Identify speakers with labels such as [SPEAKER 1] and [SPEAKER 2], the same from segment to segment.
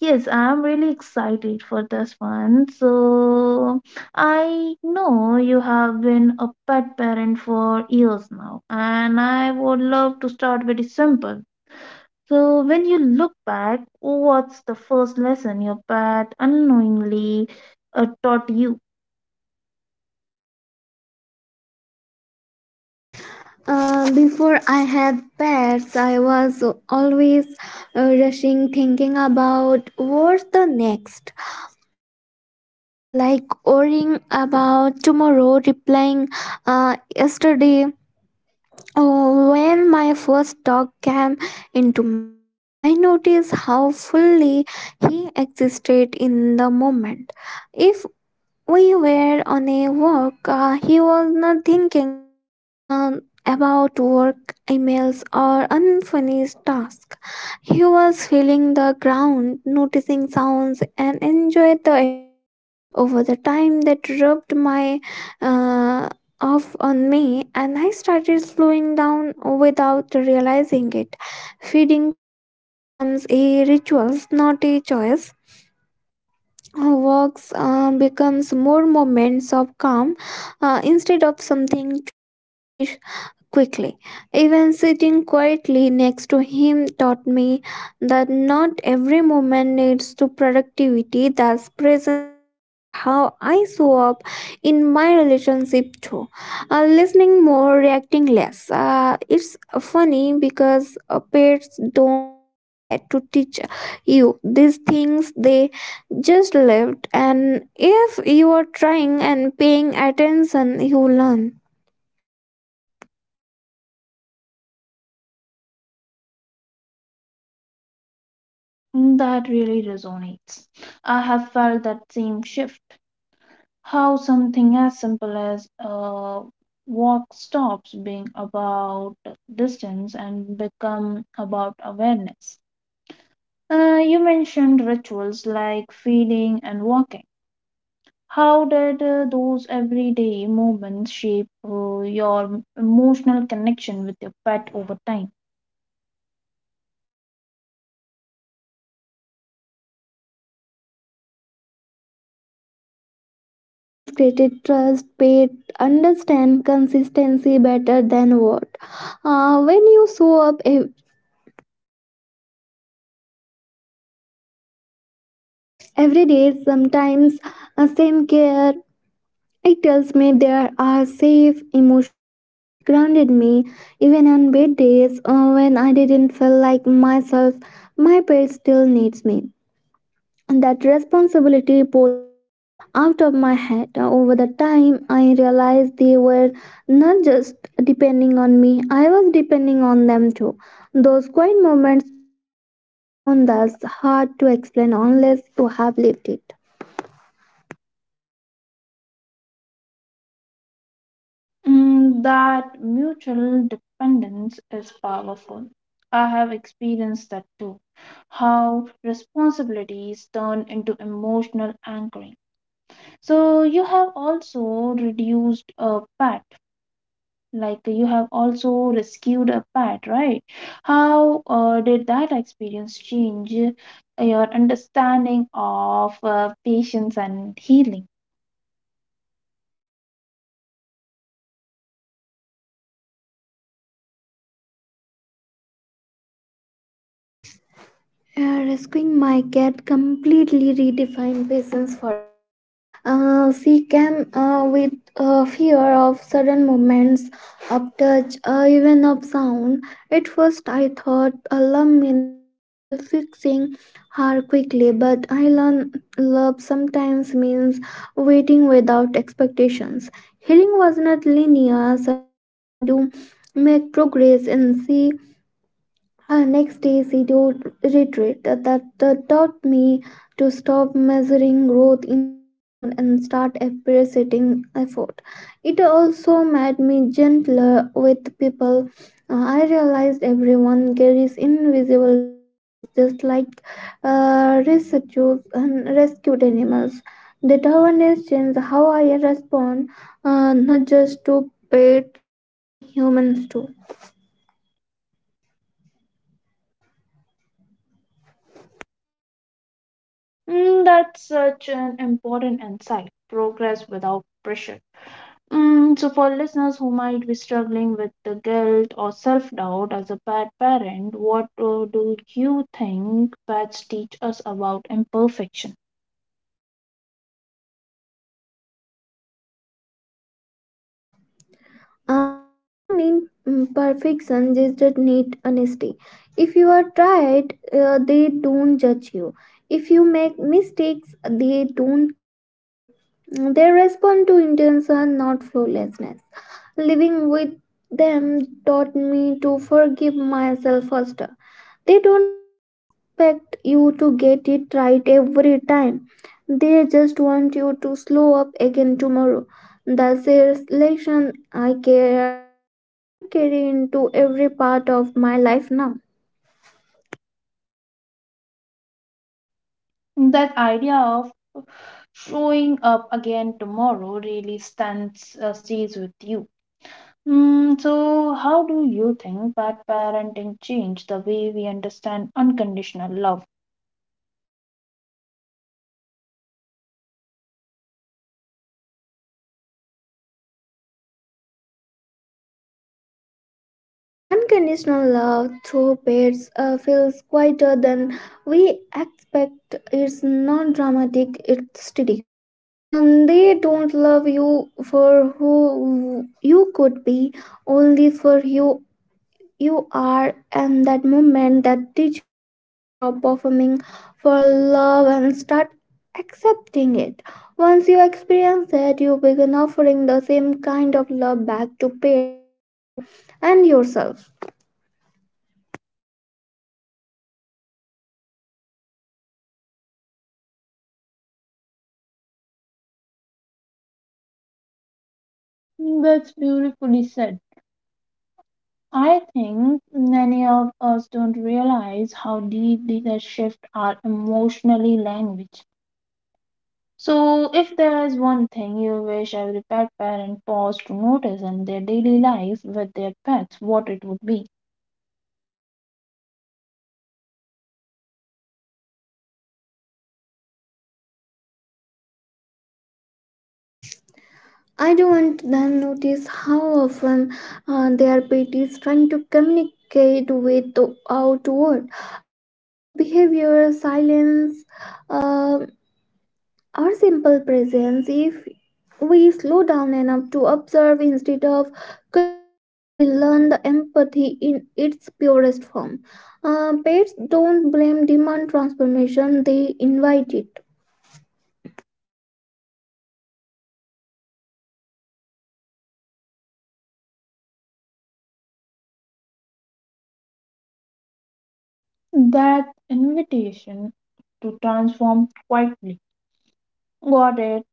[SPEAKER 1] Yes, I'm really excited for this one. So, I know you have been a pet parent for years now, and I would love to start very simple. So, when you look back, what's the first lesson your pet unknowingly taught you?
[SPEAKER 2] Before I had pets, I was always rushing, thinking about what's the next. Like worrying about tomorrow, replying yesterday, Oh, when my first dog came into my life, I noticed how fully he existed in the moment. If we were on a walk. He was not thinking about work, emails, or unfinished tasks. He was feeling the ground, noticing sounds, and enjoyed the air. Over the time, that rubbed my uh, off on me, and I started slowing down without realizing it. Feeding time becomes a ritual, not a choice. Our works becomes more moments of calm instead of something to finish quickly. Even sitting quietly next to him taught me that not every moment needs to productivity. Thus, presence changed how I show up in my relationship too. Listening more, reacting less. It's funny because pets don't try to teach you these things. They just lived, and if you are trying and paying attention, you learn.
[SPEAKER 1] Mm, that really resonates. I have felt that same shift, how something as simple as a walk stops being about distance and become about awareness. You mentioned rituals like feeding and walking. How did those everyday moments shape your emotional connection with your pet over time?
[SPEAKER 2] The small routines created trust, paid, understand consistency better than what. When you show up every day, sometimes same care, it tells me there are safe emotionally. It grounded me even on bad days when I didn't feel like myself. My pet still needs me. That responsibility pulled me out of my head. Over the time, I realized they were not just depending on me, I was depending on them too. Those quiet moments built upon that's hard to explain unless you have lived it.
[SPEAKER 1] Mm, that mutual dependence is powerful. I have experienced that too. How responsibilities turn into emotional anchoring. So, you have also reduced a pet, like you have also rescued a pet, right? How did that experience change your understanding of patience and healing?
[SPEAKER 2] Yeah, rescuing my cat completely redefined patience for me. She came with a fear of sudden movements, of touch, even of sound. At first, I thought a love meaning fixing her quickly, but I learned love sometimes means waiting without expectations. Healing was not linear. Some days she do make progress, and she next day, scheduled retreat that taught me to stop measuring growth in milestone and start appreciating effort. It also made me gentler with people. I realized everyone carries invisible histories, just like rescues and rescued animals. That awareness changed how I respond, not just to pets but to humans too.
[SPEAKER 1] Mm, that's such an important insight, progress without pressure. Mm, so, for listeners who might be struggling with the guilt or self doubt as a bad parent, what do you think pets teach us about imperfection?
[SPEAKER 2] Bees don't need perfection, they just need honesty. If you are tried, they don't judge you. If you make mistakes, they don't keep score. They respond to intention, not flawlessness. Living with them taught me to forgive myself first. They don't expect you to get it right every time. They just want you to slow up again tomorrow. That's a lesson I care and I carry into every part of my life now.
[SPEAKER 1] That idea of uh, showing up again tomorrow really stands stays with you. Mm, so, how do you think bad parenting changed the way we understand unconditional love?
[SPEAKER 2] Unconditional love through pets feels quieter than we expect. It's not dramatic, it's steady. And they don't love you for who you could be, only for you are, and that moment that teaches you to stop performing for love and start accepting it. Once you experience that, you begin offering the same kind of love back to pets, people, and yourself.
[SPEAKER 1] That's beautifully said. I think many of us don't realize how deeply the shift our emotionally language. So, if there is one thing you wish every pet parent paused to notice in their daily life with their pets, what it would be?
[SPEAKER 2] I don't then notice how often their pet is trying to communicate with the outward through behavior, silence, um or simple presence. If we slow down enough to observe instead of control, we learn the empathy in its purest form. Pets don't blame, demand transformation, they invite it.
[SPEAKER 1] That invitation to transform quietly. Got it.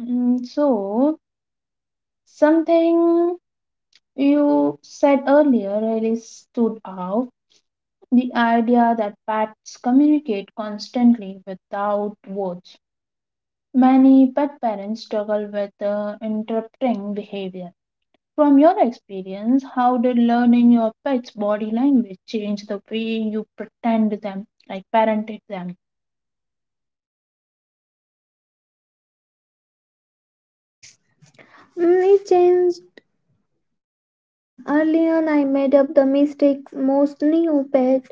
[SPEAKER 1] Mm, so, something you said earlier really stood out. The idea that pets communicate constantly without words. Many pet parents struggle with interpreting behavior. From your experience, how did learning your pet's body language change the way you pretend them, like parented them?
[SPEAKER 2] It changes everything. Early on, I made up the mistakes most new pet,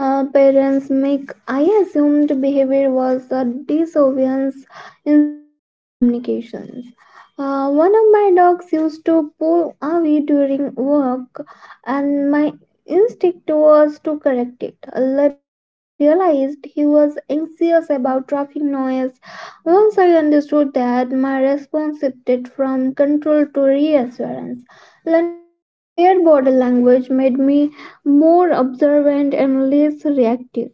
[SPEAKER 2] uh, parents make. I assumed behavior was a disobedience instead of communications. One of my dogs used to pull away during work, and my instinct was to correct it. Later, realized he was anxious about traffic noise. Once I understood that, my response shifted from control to reassurance. Learning from their body language made me more observant and less reactive.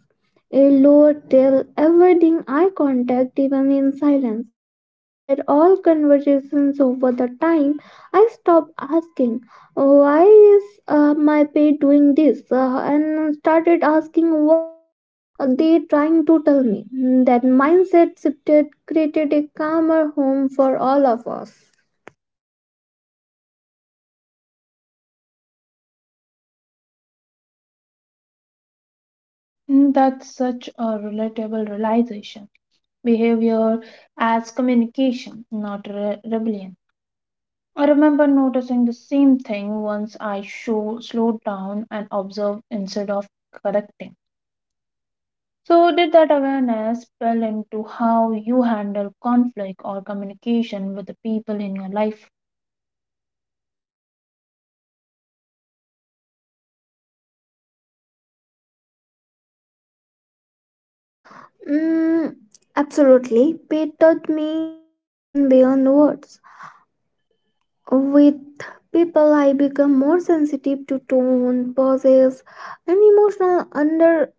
[SPEAKER 2] A low tail, avoiding eye contact even in silence. Those were all conversations over the time. I stopped asking, why is my pet doing this? And started asking, what are they trying to tell me? That mindset shifted created a calmer home for all of us.
[SPEAKER 1] Mm, that's such a relatable realization. Behavior as communication, not rebellion. I remember noticing the same thing once I slowed down and observed instead of correcting. So, did that awareness spill into how you handle conflict or communication with the people in your life?
[SPEAKER 2] Mm, Absolutely. Pay taught me to listen beyond words. With people, I become more sensitive to tone, pauses, and emotional undercurrents,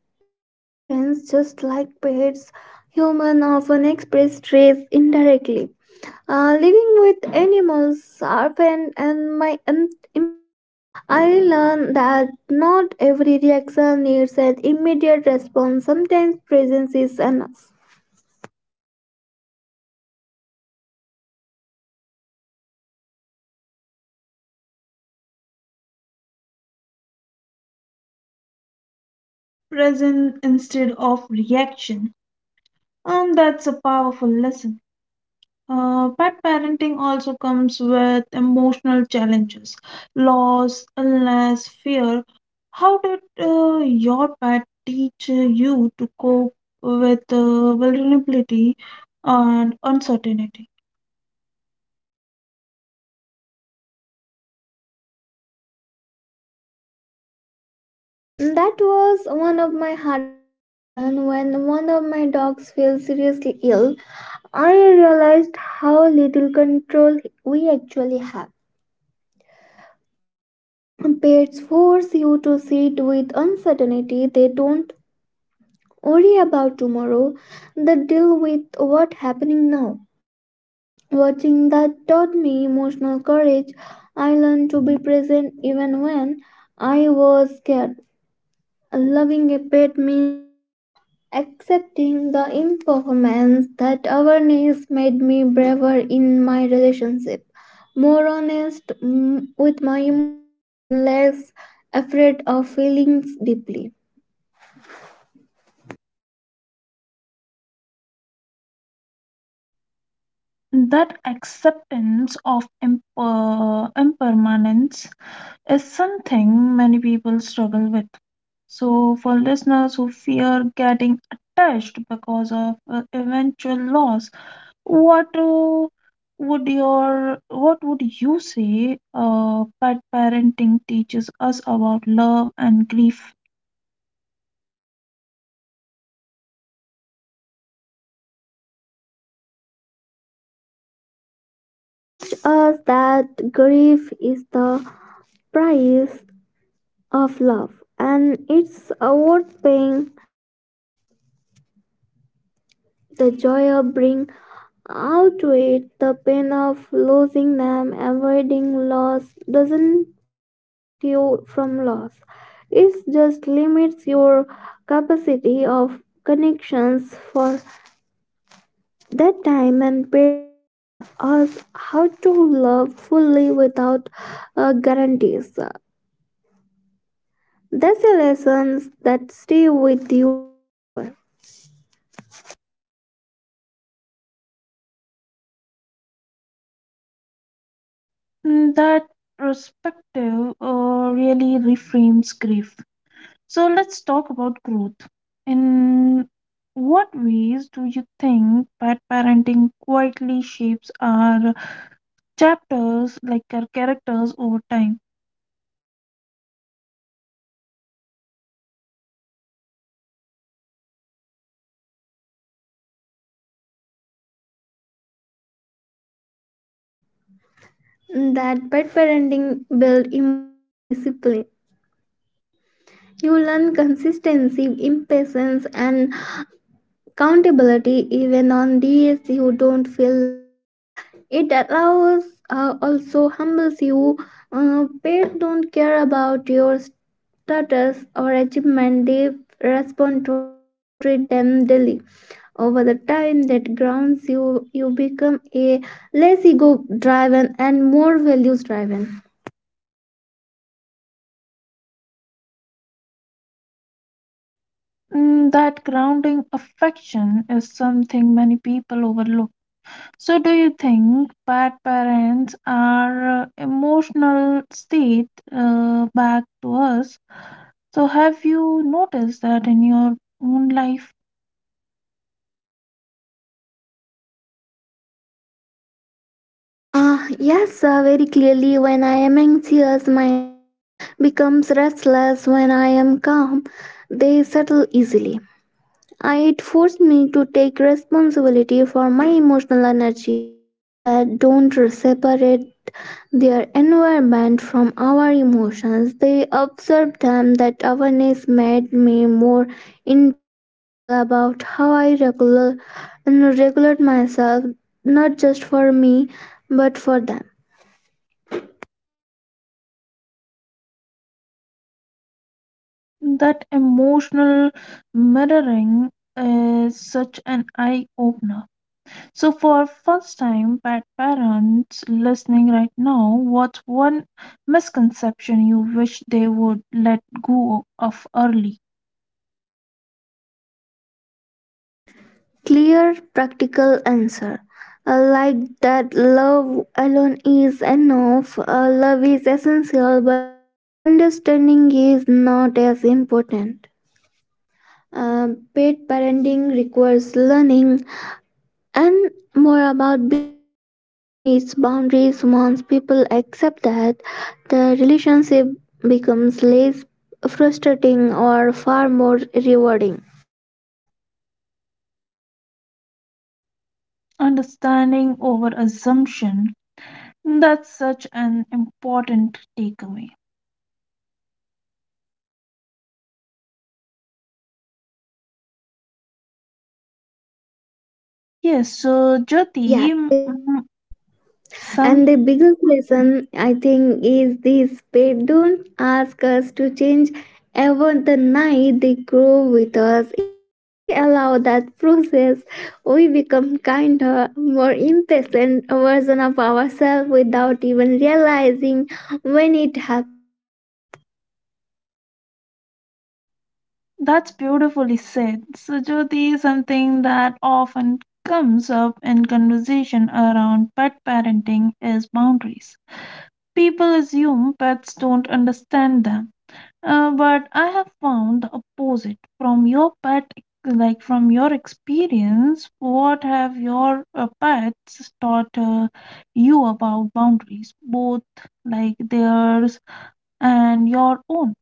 [SPEAKER 2] just like pets. Humans often express stress indirectly. Living with animals sharpened and empathy. I learned that not every reaction needs an immediate response. Sometimes presence is enough.
[SPEAKER 1] Present instead of reaction. And that's a powerful lesson. But parenting also comes with emotional challenges, loss, illness, fear. How did your pet teach you to cope with vulnerability and uncertainty?
[SPEAKER 2] That was one of my hardest lessons when one of my dogs fell seriously ill. I realized how little control we actually have. Pets force you to sit with uncertainty. They don't worry about tomorrow. They deal with what's happening now. Watching that taught me emotional courage. I learned to be present even when I was scared. Loving a pet means accepting the impermanence. That awareness made me braver in my relationship, more honest with my emotion and less afraid of feelings deeply.
[SPEAKER 1] That acceptance of impermanence is something many people struggle with. So, for listeners who fear getting attached because of eventual loss, what would your what would you say pet parenting teaches us about love and grief?
[SPEAKER 2] Now, faith teach us that grief is the price of love and it's worth paying. The joy of bring outweighed the pain of losing them. Avoiding loss doesn't protect you from loss. It just limits your capacity of connections for that time, and paid shows us how to love fully without guarantees. That's the lessons that stay with you forever.
[SPEAKER 1] Mm, that perspective really reframes grief. So let's talk about growth. In what ways do you think pet parenting quietly shapes our chapters, like our characters over time?
[SPEAKER 2] That pet parenting build emotional discipline. You learn consistency, impatience, and accountability even on days you don't feel like it. It allows, also humbles you. Pets don't care about your status or achievement, they respond to how you treat them daily. Over the time that grounds you, you become a less ego driven and more values driven.
[SPEAKER 1] Mm, that grounding affection is something many people overlook. So, do you think bad parents are emotional state back to us? So, have you noticed that in your own life
[SPEAKER 2] Yes, very clearly. When I am anxious, my dog becomes restless. When I am calm, they settle easily. It forced me to take responsibility for my emotional energy. Pets don't separate their environment from our emotions. They observe them. That awareness made me more intentional about how I regulate myself, not just for me, but for them.
[SPEAKER 1] that emotional mirroring is such an eye opener? So, for first time bad parents listening right now, what's one misconception you wish they would let go of early?
[SPEAKER 2] Clear, practical answer. Like that, love alone is enough. Love is essential, but understanding is not as important. Uh, Paid parenting requires learning and more about behavior needs boundaries. Once people accept that, the relationship becomes less frustrating or far more rewarding.
[SPEAKER 1] Understanding over assumption. That's such an important takeaway. Yes, so Jyoti,
[SPEAKER 2] Yeah,
[SPEAKER 1] mm,
[SPEAKER 2] they
[SPEAKER 1] mm,
[SPEAKER 2] do. And
[SPEAKER 1] some
[SPEAKER 2] the biggest lesson, I think, is this: they don't ask us to change ever the night, they grow with us. If we allow that process, we become kinder, more impatient version of ourselves without even realizing when it happens.
[SPEAKER 1] that's beautifully said. So Jyoti is something that often comes up in conversation around pet parenting is boundaries. People assume pets don't understand them. But I have found the opposite from your pet, like from your experience. What have your pets taught you about boundaries, both like theirs and your own?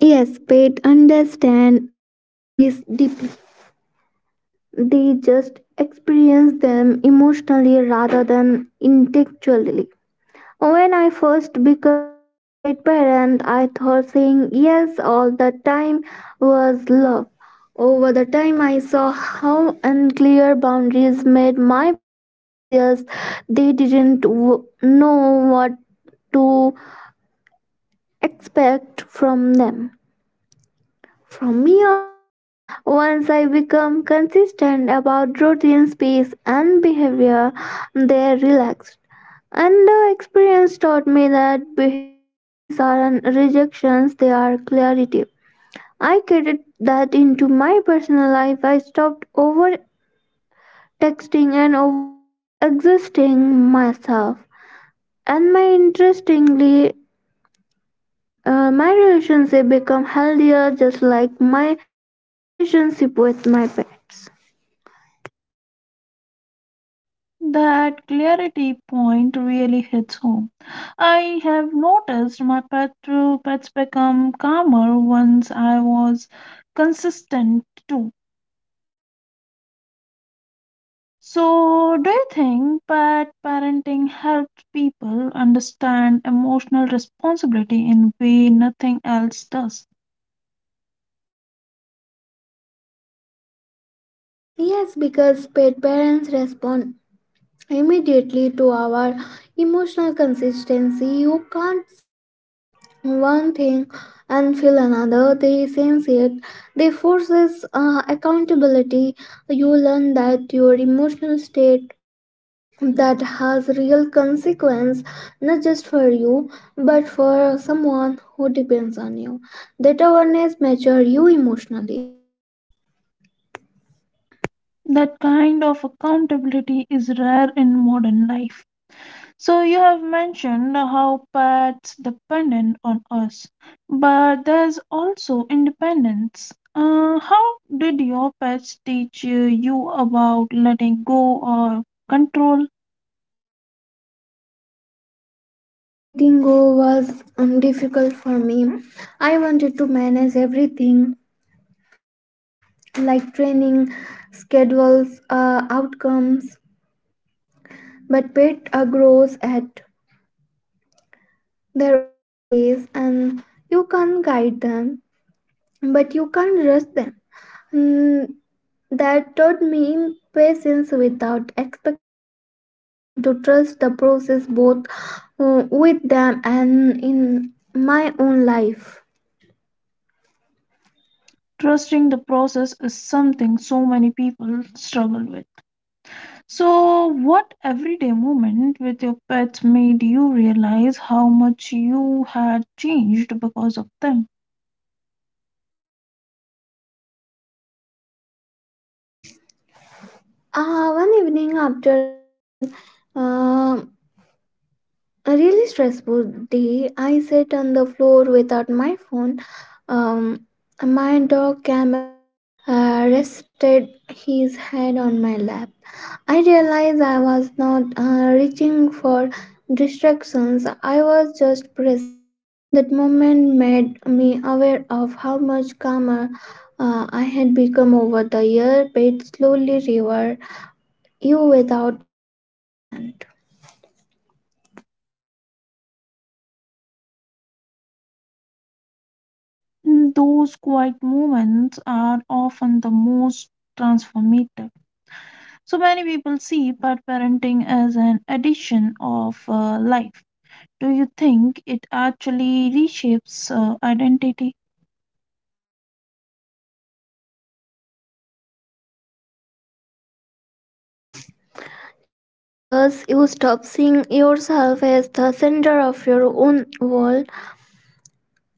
[SPEAKER 2] Yes, pets understand our boundaries deeply. They just experience them emotionally rather than intellectually. When I first becomes a pet parent, I thought saying yes all the time was love. Over the time, I saw how unclear boundaries made my pets anxious. They didn't know what to expect from them. From me also, once I become consistent about routine, space, and behavior, they relaxed. And the experience taught me that boundaries aren't rejections, they are clarity. I carried that into my personal life. I stopped over texting and over existing myself. And my interestingly, my relationship become healthier just like my relationship with my pets.
[SPEAKER 1] That clarity point really hits home. I have noticed my pets become calmer once I was consistent too. So, do you think pet parenting helps people understand emotional responsibility in a way nothing else does?
[SPEAKER 2] Yes, because pet parents respond immediately to our emotional consistency. You can't say one thing and feel another. They sense it. They forces accountability. You learn that your emotional state that has real consequence, not just for you but for someone who depends on you. That awareness mature you emotionally.
[SPEAKER 1] That kind of accountability is rare in modern life. So, you have mentioned how pets dependent on us, but there's also independence. How did your pets teach you about letting go or control?
[SPEAKER 2] Letting go was difficult for me. I wanted to manage everything, like training schedules, outcomes, but pet grows at their own space and you can't guide them, but you can't rush them. Mm, That taught me patience without expectations. I learned to trust the process both with them and in my own life.
[SPEAKER 1] Trusting the process is something so many people struggle with. So, what everyday moment with your pets made you realize how much you had changed because of them?
[SPEAKER 2] One evening after uh, a really stressful day, I sat on the floor without my phone. Um, my dog came and rested his head on my lap. I realized I was not reaching for distractions, I was just present. That moment made me aware of how much calmer I had become over the year, but it slowly reward you without announcement.
[SPEAKER 1] Mm, those quiet moments are often the most transformative. So, many people see pet parenting as an addition of life. Do you think it actually reshapes identity?
[SPEAKER 2] Yes, it does. You stop seeing yourself as the center of your own world.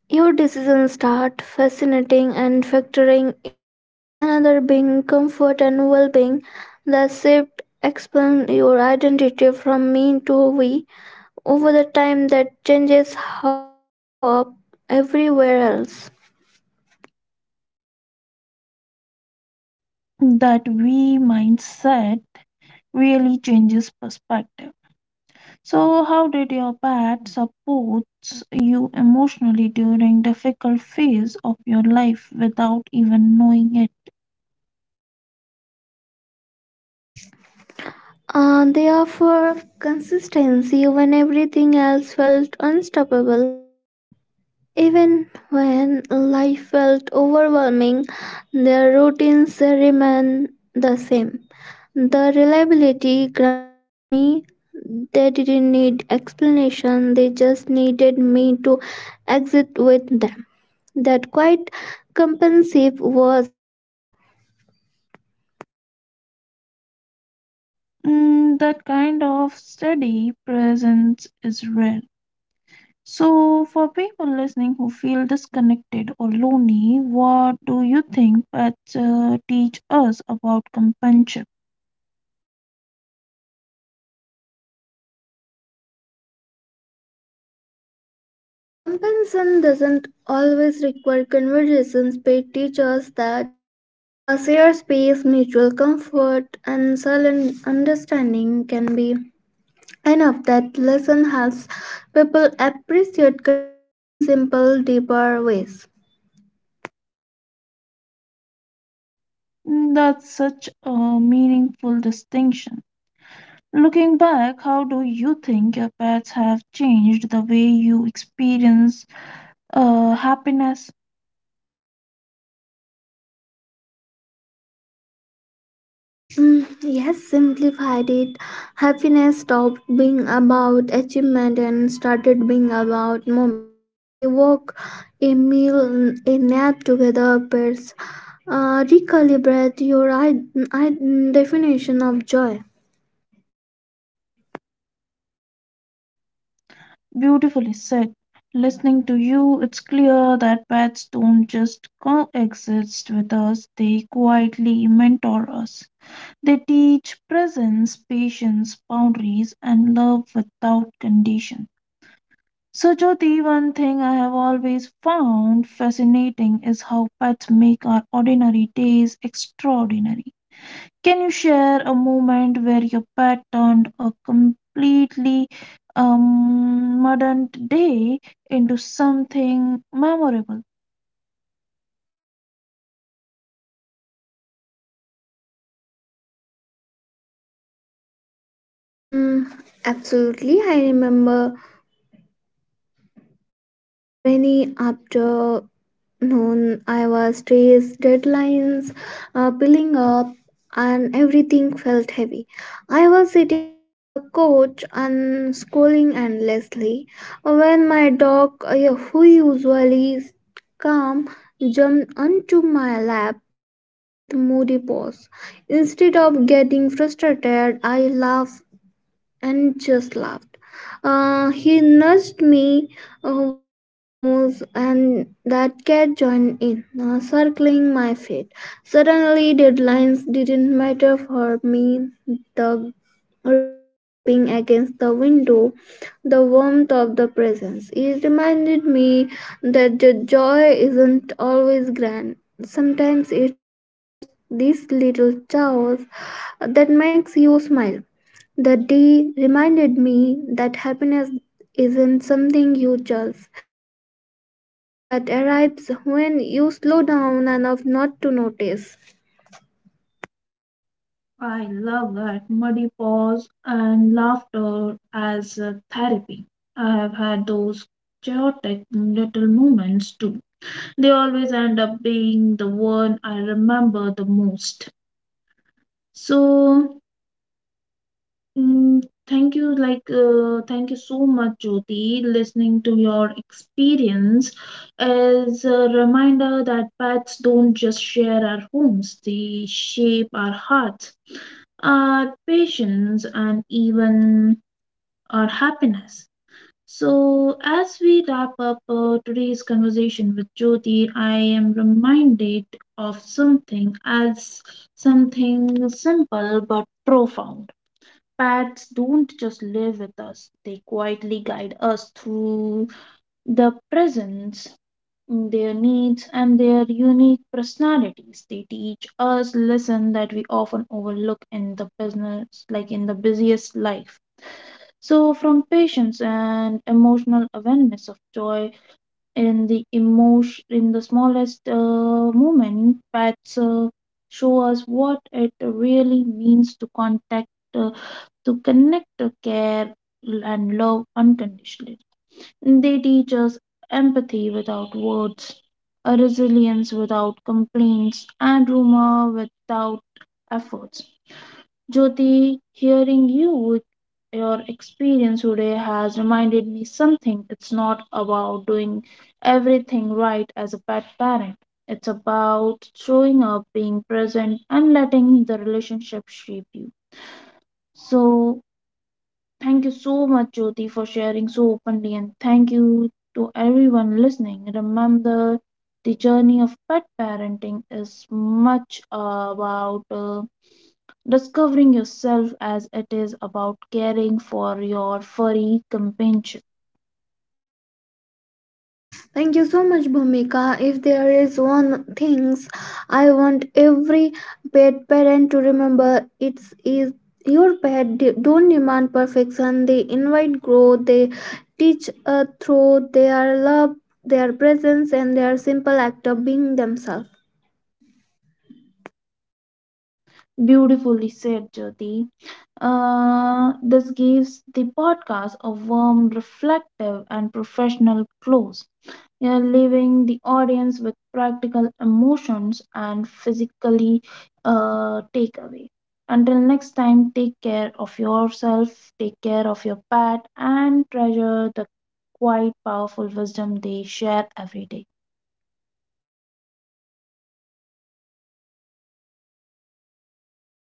[SPEAKER 2] Your decisions start fascinating and factoring in another being, comfort, and well being. The shift expands your identity from me to we. Over the time, that changes how you show up everywhere else.
[SPEAKER 1] That we mindset really changes perspective. So, how did your pet supports you emotionally during difficult phase of your life without even knowing it?
[SPEAKER 2] They offer consistency when everything else felt unstoppable. Even when life felt overwhelming, their routines remained the same. The reliability grounded me. They didn't need explanation, they just needed me to exit with them. That quite compensive was healing.
[SPEAKER 1] Mm, that kind of steady presence is rare. So, for people listening who feel disconnected or lonely, what do you think pets teach us about companionship?
[SPEAKER 2] Compensation doesn't always require conversations, but teaches that shared space, mutual comfort, and silent understanding can be. And of that lesson helps people appreciate connection in simple, deeper ways.
[SPEAKER 1] Mm, that's such a meaningful distinction. Looking back, how do you think your pets have changed the way you experience happiness?
[SPEAKER 2] Yes, simplified it. Happiness stopped being about achievement and started being about moments. A walk, a meal, a nap together, pairs. Recalibrate your I- definition of joy.
[SPEAKER 1] Beautifully said. Listening to you, it's clear that pets don't just coexist with us, they quietly mentor us. They teach presence, patience, boundaries, and love without condition. So, Jyoti, one thing I have always found fascinating is how pets make our ordinary days extraordinary. Can you share a moment where your pet turned a completely modern day into something memorable?
[SPEAKER 2] Mm, Absolutely, I remember one rainy after. No, I was stressed, deadlines piling up, and everything felt heavy. I was sitting on the couch and scrolling endlessly when my dog, who usually is calm, jumped onto my lap with moody paws. Instead of getting frustrated, I laughed and just laughed. He nudged me with his nose, and that cat joined in, circling my feet. Suddenly, deadlines didn't matter for me. The rain tapping against the window, the warmth of the presence. It reminded me that the joy isn't always grand. Sometimes it's just this little chaos that makes you smile. The day reminded me that happiness isn't something you chase, it's something that arrives when you slow down enough not to notice.
[SPEAKER 1] I love that, muddy paws and laughter as a therapy. I have had those chaotic little moments too. They always end up being the one I remember the most. So, mm, thank you, thank you so much, Jyoti. Listening to your experience is a reminder that pets don't just share our homes, they shape our hearts, our patience, and even our happiness. So, as we wrap up today's conversation with Jyoti, I am reminded of something simple but profound. Pets don't just live with us, they quietly guide us through the presence, their needs, and their unique personalities. They teach us lessons that we often overlook in the business, like in the busiest life. So, from patience and emotional awareness of joy in the emotion, in the smallest moment, pets show us what it really means to contact uh, to connect, to care and love unconditionally. They teach us empathy without words, a resilience without complaints, and rumor without efforts. Jyoti, hearing you with your experience today has reminded me something. It's not about doing everything right as a pet parent. It's about showing up, being present, and letting the relationship shape you. So, thank you so much, Jyoti, for sharing so openly, and thank you to everyone listening. Remember, the journey of pet parenting is much about discovering yourself as it is about caring for your furry companionship.
[SPEAKER 2] Thank you so much, Bhumika. If there is one thing I want every pet parent to remember, it's is your don't demand perfection, they invite growth, they teach through their love, their presence, and their simple act of being themselves.
[SPEAKER 1] Beautifully said, Jyoti. This gives the podcast a warm, reflective, and professional close, you know, leaving the audience with practical emotions and physically takeaway. Until next time, take care of yourself, take care of your pet, and treasure the quite powerful wisdom they share every day.